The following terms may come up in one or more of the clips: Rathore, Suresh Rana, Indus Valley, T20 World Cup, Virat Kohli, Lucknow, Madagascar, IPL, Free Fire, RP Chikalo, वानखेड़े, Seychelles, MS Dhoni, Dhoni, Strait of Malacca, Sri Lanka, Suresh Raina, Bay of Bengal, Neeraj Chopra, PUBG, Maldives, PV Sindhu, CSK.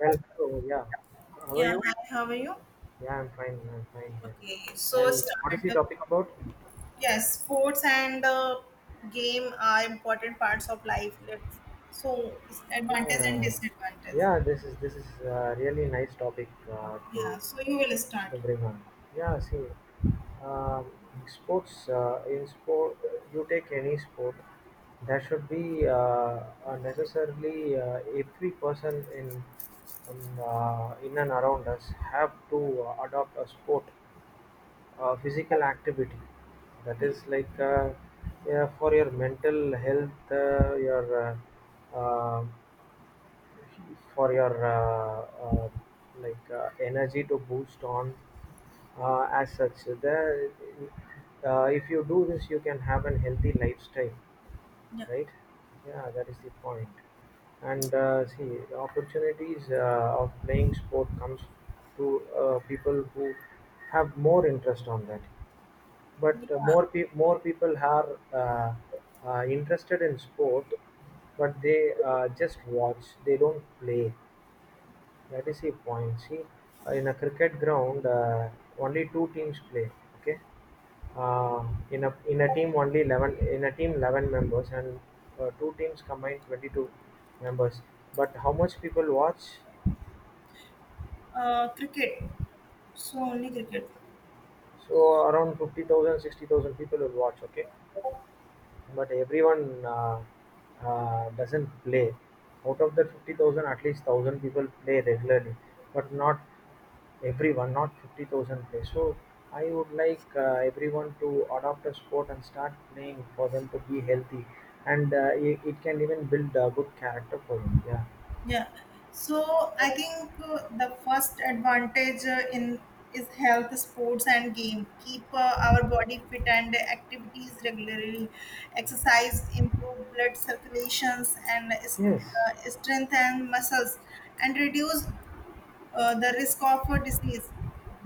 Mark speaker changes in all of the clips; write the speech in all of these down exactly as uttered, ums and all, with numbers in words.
Speaker 1: Well, so yeah, how are
Speaker 2: Yeah,
Speaker 1: you?
Speaker 2: hi, how are you?
Speaker 1: Yeah, I'm fine. I'm fine here.
Speaker 2: Okay, so
Speaker 1: And what is
Speaker 2: start.
Speaker 1: the
Speaker 2: uh,
Speaker 1: topic about?
Speaker 2: Yes, sports and uh, game are important parts of life. Let's, so, advantage and
Speaker 1: Yeah,
Speaker 2: disadvantage.
Speaker 1: yeah. This is this is a really nice topic, uh,
Speaker 2: Yeah,
Speaker 1: to
Speaker 2: so you will start.
Speaker 1: to bring on. Yeah, see, um, sports uh, in sport, you take any sport, there should be uh, uh, necessarily, uh, every person in in, uh, in and around us have to uh, adopt a sport, uh, physical activity, that
Speaker 2: Yeah,
Speaker 1: is like, uh, yeah, for your mental health, uh, your, uh, uh, for your uh, uh, like, uh, energy to boost on, uh, as such the uh, if you do this you can have a healthy lifestyle,
Speaker 2: yeah,
Speaker 1: right, yeah, that is the point point. and uh, see the opportunities, uh, of playing sport comes to, uh, people who have more interest on that, but uh,
Speaker 2: Yeah,
Speaker 1: more pe- more people are, uh, uh, interested in sport, but they, uh, just watch, they don't play. That is the point. See, uh, in a cricket ground, uh, only two teams play. Okay. Uh, in a in a team only eleven, in a team eleven members, and uh, two teams combined twenty-two members. But how much people watch?
Speaker 2: uh, cricket. So, only cricket.
Speaker 1: So around fifty thousand, sixty thousand people will watch. Okay. But everyone uh, uh, doesn't play. Out of the fifty thousand, at least a thousand people play regularly, but not everyone, not fifty thousand play. So I would like, uh, everyone to adopt a sport and start playing for them to be healthy, and uh, it, it can even build a good character for them. Yeah.
Speaker 2: Yeah. So I think uh, the first advantage uh, in is health, sports, and game. Keep uh, our body fit and activities regularly. Exercise improve blood circulations and is-
Speaker 1: Yes.
Speaker 2: uh, strengthen muscles and reduce uh, the risk of uh, disease.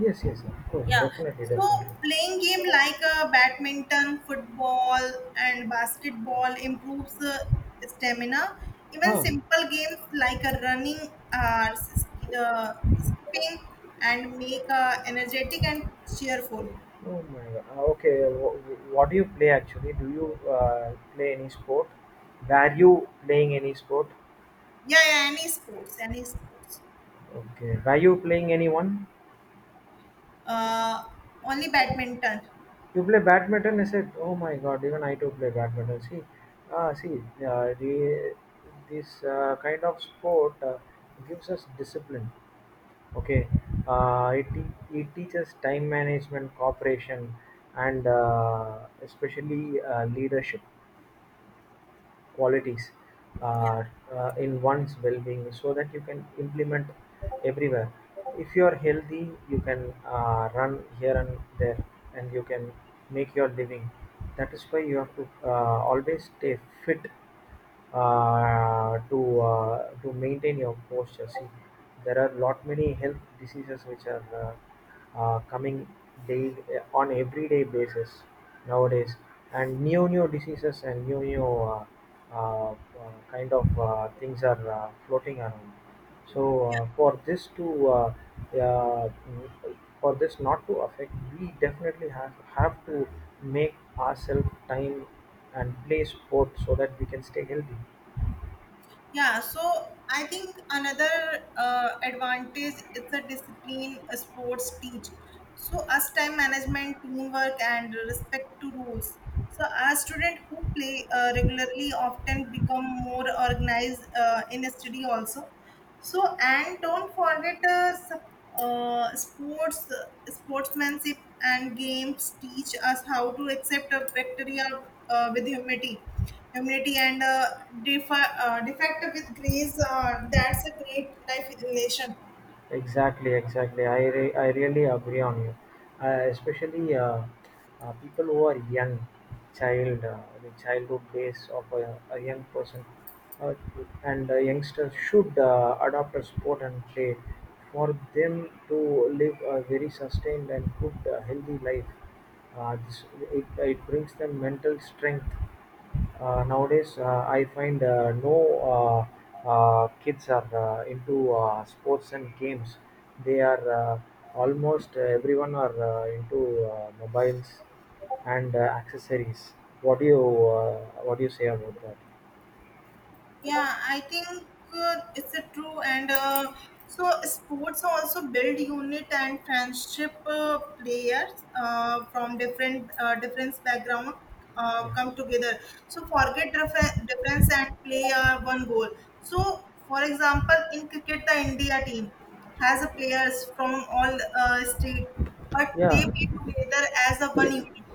Speaker 1: Yes. Yes. Of course.
Speaker 2: Yeah.
Speaker 1: Definitely.
Speaker 2: So
Speaker 1: Definitely.
Speaker 2: playing game like uh, badminton, football, and basketball improves uh, stamina. Even
Speaker 1: Huh.
Speaker 2: simple games like uh, running, uh, s- uh, skipping, and make uh, energetic and cheerful.
Speaker 1: Oh my god. Ah, okay. Wh- wh- what do you play actually? Do you, uh, play any sport? Were you playing any sport?
Speaker 2: Yeah, yeah, any sports, any sports.
Speaker 1: Okay. Were you playing anyone?
Speaker 2: Uh, only badminton.
Speaker 1: You play badminton? I said, oh my god, even I too play badminton. See, ah, see, uh, the, this, uh, kind of sport, uh, gives us discipline. Okay, uh, it, te- it teaches time management, cooperation, and uh, especially, uh, leadership qualities,
Speaker 2: Yeah.
Speaker 1: uh, uh, in one's well-being, so that you can implement everywhere. If you are healthy, you can, uh, run here and there, and you can make your living. That is why you have to, uh, always stay fit, uh, to uh, to maintain your posture. See, there are lot many health diseases which are, uh, uh, coming daily, uh, on everyday basis nowadays, and new new diseases, and new new, uh, uh, uh, kind of, uh, things are, uh, floating around. So uh, for this to uh, uh, for this not to affect, we definitely have have to make ourselves time and play sport so that we can stay healthy.
Speaker 2: Yeah, so I think another uh, advantage is the discipline uh, sports teach. So us time management, teamwork, and respect to rules. So our student who play uh, regularly often become more organized uh, in study also. So and don't forget uh, sup- uh, sports, sportsmanship and games teach us how to accept a bacteria uh, with humility, humility and uh, defa- uh, defect with grace. Uh, that's a great life relation.
Speaker 1: Exactly, exactly. I, re- I really agree on you. Uh, especially, uh, uh, people who are young, child, uh, the childhood days of a, a young person, uh, and a youngster should, uh, adopt a sport and play for them to live a very sustained and good, uh, healthy life. Uh, this, it, it brings them mental strength. Uh, nowadays, uh, I find, uh, no, uh, uh, kids are, uh, into, uh, sports and games. They are uh, almost everyone are, uh, into, uh, mobiles and, uh, accessories. What do you uh, what do you say about that?
Speaker 2: Yeah, I think uh, it's a true and uh, so sports also build unit and friendship uh, players uh, from different uh, different background uh,
Speaker 1: Yeah,
Speaker 2: come together. So forget difference, difference and play uh, one goal. So for example, in cricket, the India team has a players from all uh, state, but
Speaker 1: yeah,
Speaker 2: they play together as a one unit.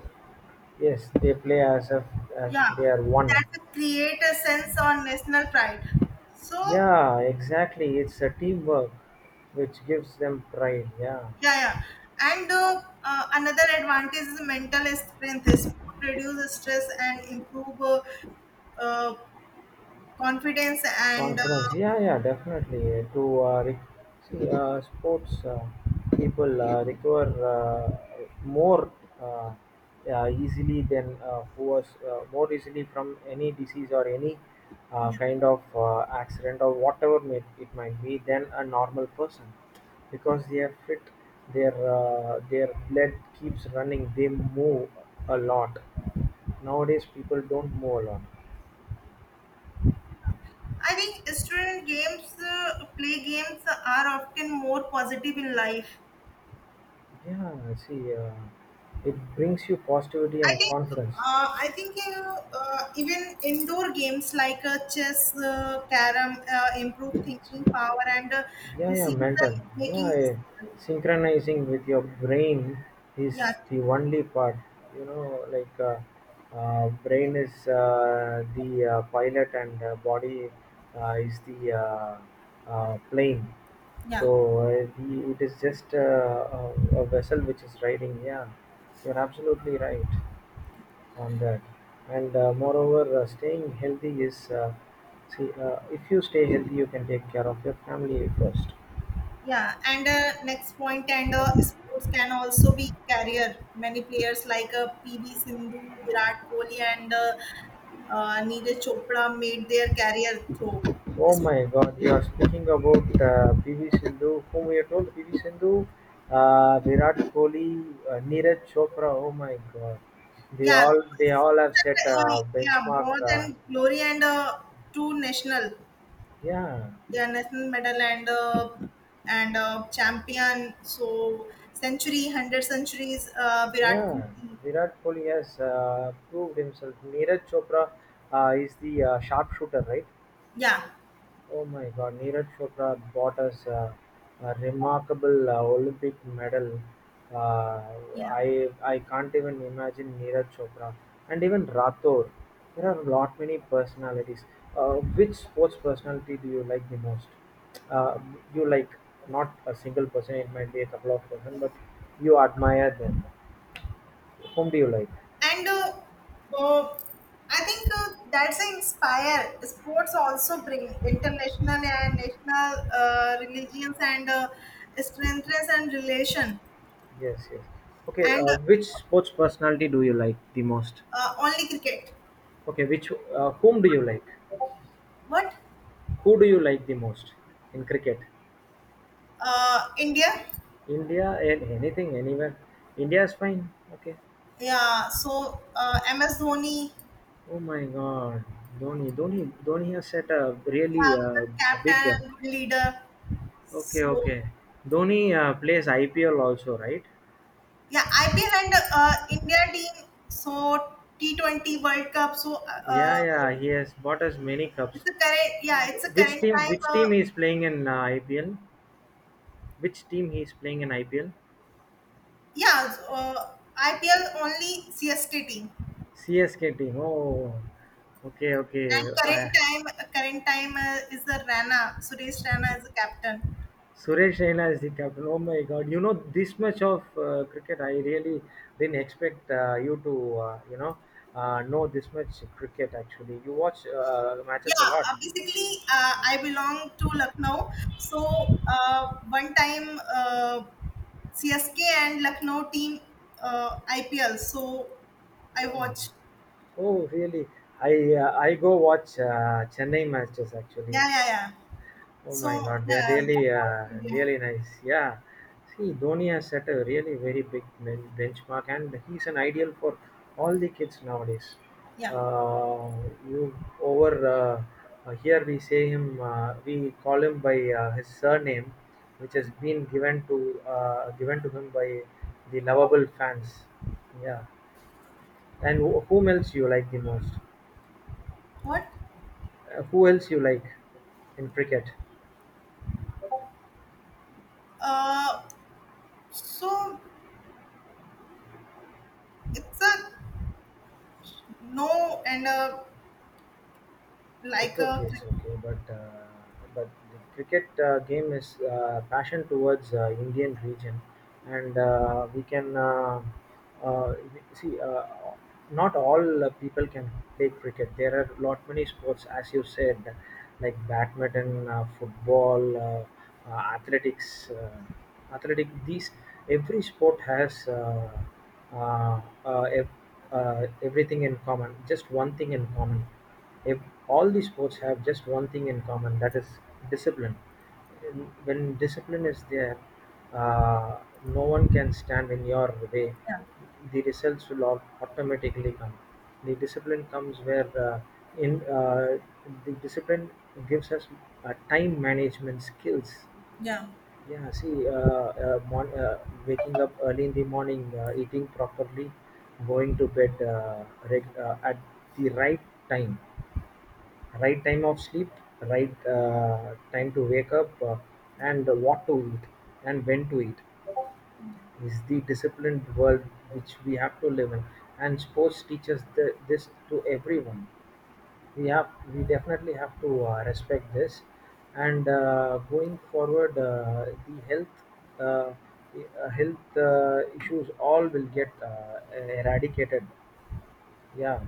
Speaker 1: yes. They play as if, as
Speaker 2: Yeah,
Speaker 1: they are
Speaker 2: that
Speaker 1: one.
Speaker 2: create a sense of national pride. So
Speaker 1: Yeah, exactly. It's a teamwork which gives them pride. Yeah.
Speaker 2: yeah, yeah. And uh, uh, Another advantage is mental strength. Sport reduces stress and improve uh, uh, confidence. And uh,
Speaker 1: Conference, yeah, yeah, definitely. To uh, re- see, uh, sports, uh, people, uh, recover, uh, more uh, uh, easily than, uh, who was, uh, more easily from any disease or any, uh, kind of, uh, accident, or whatever may, it might be, than a normal person, because they are fit, their uh, their blood keeps running, they move a lot. Nowadays, people don't move a lot.
Speaker 2: I think student games, uh, play games are often more positive in life.
Speaker 1: Yeah, see, uh, it brings you positivity
Speaker 2: I
Speaker 1: and
Speaker 2: think
Speaker 1: confidence.
Speaker 2: uh, I think uh, uh, Even indoor games like uh, chess, uh, carom uh, improve
Speaker 1: It's-
Speaker 2: thinking power and uh,
Speaker 1: Yeah, yeah,
Speaker 2: decision
Speaker 1: mental. Yeah,
Speaker 2: making
Speaker 1: eh,
Speaker 2: skill.
Speaker 1: synchronizing with your brain is
Speaker 2: Yeah,
Speaker 1: the only part. You know, like, uh, uh, brain is, uh, the, uh, pilot, and uh, body, uh, is the, uh, uh, plane.
Speaker 2: yeah.
Speaker 1: So uh, the, it is just, uh, a, a vessel which is riding. Yeah, you're absolutely right on that. And uh, moreover, uh, staying healthy is, uh, see, uh, if you stay healthy you can take care of your family first.
Speaker 2: Yeah, and uh, next point, and uh, sports can also be career. Many players like uh, P V Sindhu, Virat Kohli, and uh, uh, Neeraj Chopra made their career through.
Speaker 1: Oh
Speaker 2: It's,
Speaker 1: my god, you are speaking about, uh, P V sindhu. Whom we are told? P V sindhu, uh, virat kohli, uh, neeraj chopra. Oh my god, they
Speaker 2: yeah,
Speaker 1: all they
Speaker 2: sports
Speaker 1: all have set a
Speaker 2: are, uh, yeah,
Speaker 1: benchmark.
Speaker 2: more
Speaker 1: Uh,
Speaker 2: than glory and uh, two national,
Speaker 1: yeah,
Speaker 2: yeah, national medal and uh, and uh, champion. So century, hundred centuries, uh, Virat
Speaker 1: yeah,
Speaker 2: Kohli.
Speaker 1: virat kohli has, uh, proved himself. Neeraj chopra, uh, is the, uh, sharpshooter, right?
Speaker 2: Yeah,
Speaker 1: Oh my God, Neeraj Chopra bought us a, a remarkable, uh, Olympic medal. Uh,
Speaker 2: yeah.
Speaker 1: I I can't even imagine Neeraj Chopra and even Rathore. There are lot many personalities. Uh, which sports personality do you like the most? Uh, you like not a single person; it might be a couple of person, but you admire them. Whom do you like?
Speaker 2: And uh, uh, I think uh, That's a inspire. Sports also bring international and national uh, religions and uh, strengths and relation.
Speaker 1: Yes, yes. Okay,
Speaker 2: And
Speaker 1: uh, which sports personality do you like the most?
Speaker 2: uh, Only cricket.
Speaker 1: Okay, which uh, whom do you like?
Speaker 2: What?
Speaker 1: Who do you like the most in cricket?
Speaker 2: Uh, India?
Speaker 1: India and anything, anywhere. India is fine. Okay.
Speaker 2: Yeah. So uh, M S Dhoni,
Speaker 1: Oh my God, Dhoni, Dhoni, Dhoni has set a really,
Speaker 2: yeah,
Speaker 1: uh,
Speaker 2: good
Speaker 1: big.
Speaker 2: captain, good leader.
Speaker 1: Okay,
Speaker 2: So
Speaker 1: okay. Dhoni, uh, plays I P L also, right?
Speaker 2: yeah, I P L and uh, India team. So T twenty World Cup. So
Speaker 1: Yeah,
Speaker 2: uh,
Speaker 1: yeah. He has bought us many cups.
Speaker 2: It's a current, yeah, it's a
Speaker 1: Which
Speaker 2: current
Speaker 1: team?
Speaker 2: time.
Speaker 1: Which
Speaker 2: Uh,
Speaker 1: team he is playing in, uh, I P L? Which team he is playing in I P L?
Speaker 2: yeah, uh, I P L only C S T team,
Speaker 1: C S K team. Oh, okay,
Speaker 2: and
Speaker 1: okay.
Speaker 2: current
Speaker 1: I
Speaker 2: time, uh, current time uh, is the Rana. Suresh Rana is the captain.
Speaker 1: Suresh Raina is the captain. Oh my God! You know this much of, uh, cricket. I really didn't expect, uh, you to, uh, you know, uh, know this much cricket. Actually, you watch, uh, matches a
Speaker 2: Yeah,
Speaker 1: lot.
Speaker 2: uh, basically, uh, I belong to Lucknow. So uh, one time, uh, C S K and Lucknow team uh, I P L. So I
Speaker 1: Oh,
Speaker 2: watch.
Speaker 1: oh, really? I, uh, I go watch, uh, Chennai matches actually.
Speaker 2: Yeah, yeah, yeah.
Speaker 1: Oh my
Speaker 2: So
Speaker 1: God, they're
Speaker 2: yeah,
Speaker 1: really,
Speaker 2: Lucknow
Speaker 1: uh,
Speaker 2: Stadium.
Speaker 1: really nice. Yeah, see, Dhoni has set a really very big, ben- benchmark, and he's an ideal for all the kids nowadays.
Speaker 2: Yeah.
Speaker 1: Uh, you over uh, uh, here we say him, uh, we call him by, uh, his surname, which has been given to uh, given to him by the lovable fans. Yeah, and wh- whom else you like the most?
Speaker 2: What?
Speaker 1: Uh, who else you like in cricket?
Speaker 2: Uh, so It's a no and a like
Speaker 1: It's
Speaker 2: a
Speaker 1: okay, it's okay. But uh, but the cricket, uh, game is, uh, passion towards, uh, Indian region, and, uh, we can. Uh, uh, See, uh, not all, uh, people can play cricket. There are lot many sports, as you said, like badminton, uh, football, uh, uh, athletics, uh, athletic. These every sport has, uh, uh, uh, ev- uh, everything in common. Just one thing in common. If all these sports have just one thing in common, that is discipline. When discipline is there, uh, no one can stand in your way.
Speaker 2: Yeah.
Speaker 1: The results will, au- automatically come. The discipline comes where uh, in uh, the discipline gives us, uh, time management skills.
Speaker 2: Yeah.
Speaker 1: Yeah, see, uh, uh, mon- uh, waking up early in the morning, uh, eating properly, going to bed, uh, reg- uh, at the right time. Right time of sleep, right, uh, time to wake up, uh, and what to eat and when to eat is the disciplined world which we have to live in. And sports teaches the, this to everyone. We have we definitely have to, uh, respect this. And uh, going forward, uh, the health uh, uh, health, uh, issues all will get, uh, eradicated. Yeah,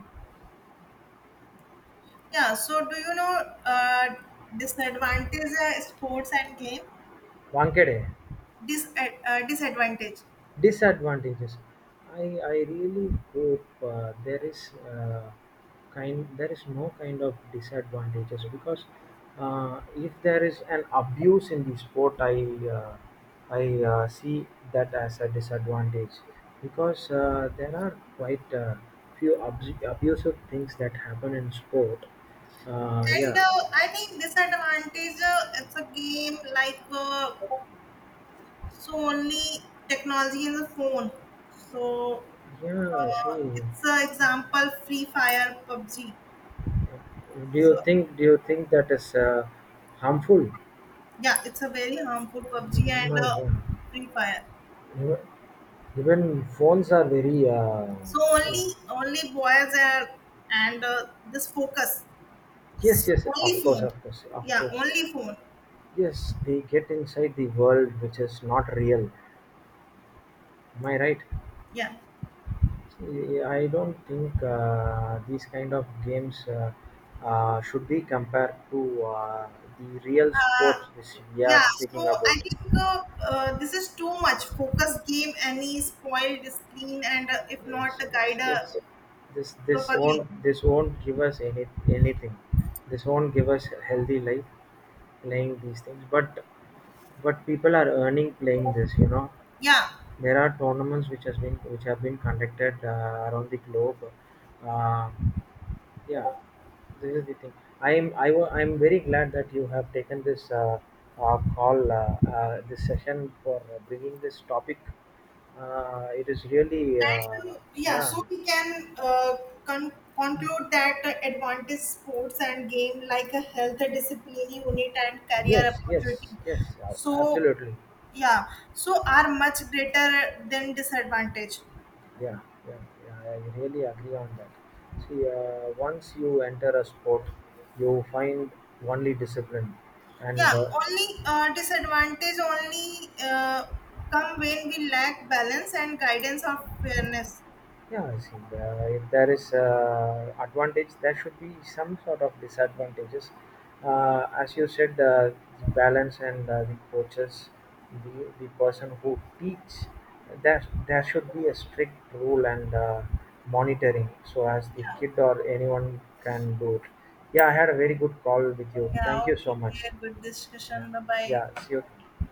Speaker 2: yeah. So do you know uh, disadvantage uh, sports and game
Speaker 1: वानखेड़े.
Speaker 2: dis uh, uh, disadvantage
Speaker 1: Disadvantages. I I really hope, uh, there is, uh, kind there is no kind of disadvantages. Because, uh, if there is an abuse in the sport, I uh, I uh, see that as a disadvantage, because, uh, there are quite, uh, few, abs- abusive things that happen in sport. Uh,
Speaker 2: and uh,
Speaker 1: yeah,
Speaker 2: I think disadvantage uh, it's a game like uh, so only technology in the phone. So
Speaker 1: yeah.
Speaker 2: uh,
Speaker 1: See,
Speaker 2: it's an example Free Fire P U B G.
Speaker 1: do you
Speaker 2: So
Speaker 1: think do you think that is, uh, harmful?
Speaker 2: yeah, it's a very harmful P U B G and
Speaker 1: My
Speaker 2: uh,
Speaker 1: God.
Speaker 2: Free Fire.
Speaker 1: Even phones are very, uh,
Speaker 2: So only only boys are and uh, this focus
Speaker 1: yes, yes, of
Speaker 2: only
Speaker 1: course,
Speaker 2: phone.
Speaker 1: of course, of
Speaker 2: Yeah,
Speaker 1: course.
Speaker 2: only phone.
Speaker 1: Yes, they get inside the world which is not real. Am I right?
Speaker 2: Yeah.
Speaker 1: I don't think, uh, these kind of games, uh, uh, should be compared to, uh, the real
Speaker 2: Uh,
Speaker 1: sports which we
Speaker 2: yeah.
Speaker 1: are speaking
Speaker 2: So
Speaker 1: about.
Speaker 2: I think uh, uh, this is too much focus game. Any spoiled screen and uh, if not
Speaker 1: Yes,
Speaker 2: the
Speaker 1: yes,
Speaker 2: guide uh,
Speaker 1: yes. This this
Speaker 2: properly.
Speaker 1: won't this won't give us any anything. This won't give us a healthy life. Playing these things, but but people are earning playing this you know
Speaker 2: Yeah.
Speaker 1: There are tournaments which has been which have been conducted, uh, around the globe. uh, yeah, this is the thing. I am i wa- i am very glad that you have taken this, uh, uh, call, uh, uh, this session for, uh, bringing this topic. Uh, it is really, uh,
Speaker 2: And uh, Yeah,
Speaker 1: yeah,
Speaker 2: so we can uh, con- conclude that uh, advantage sports and game like a health discipline unit and career
Speaker 1: yes,
Speaker 2: opportunity.
Speaker 1: yes, yes, uh,
Speaker 2: So
Speaker 1: absolutely.
Speaker 2: yeah, so are much greater than disadvantage.
Speaker 1: Yeah, yeah, yeah, I really agree on that. See, uh, once you enter a sport, you find only discipline, and,
Speaker 2: Yeah,
Speaker 1: uh,
Speaker 2: only uh, disadvantage only uh, come when we lack balance and guidance of fairness.
Speaker 1: yeah, I see. Uh, if there is, uh, advantage, there should be some sort of disadvantages. Uh, as you said, uh, the balance and, uh, the coaches, the the person who teach, there there should be a strict rule and, uh, monitoring, so as the
Speaker 2: Yeah,
Speaker 1: kid or anyone can do it. Yeah, I had a very good call with you. Thank
Speaker 2: yeah,
Speaker 1: you
Speaker 2: okay,
Speaker 1: so much.
Speaker 2: good
Speaker 1: Yeah,
Speaker 2: discussion. Bye bye.
Speaker 1: yeah. See you.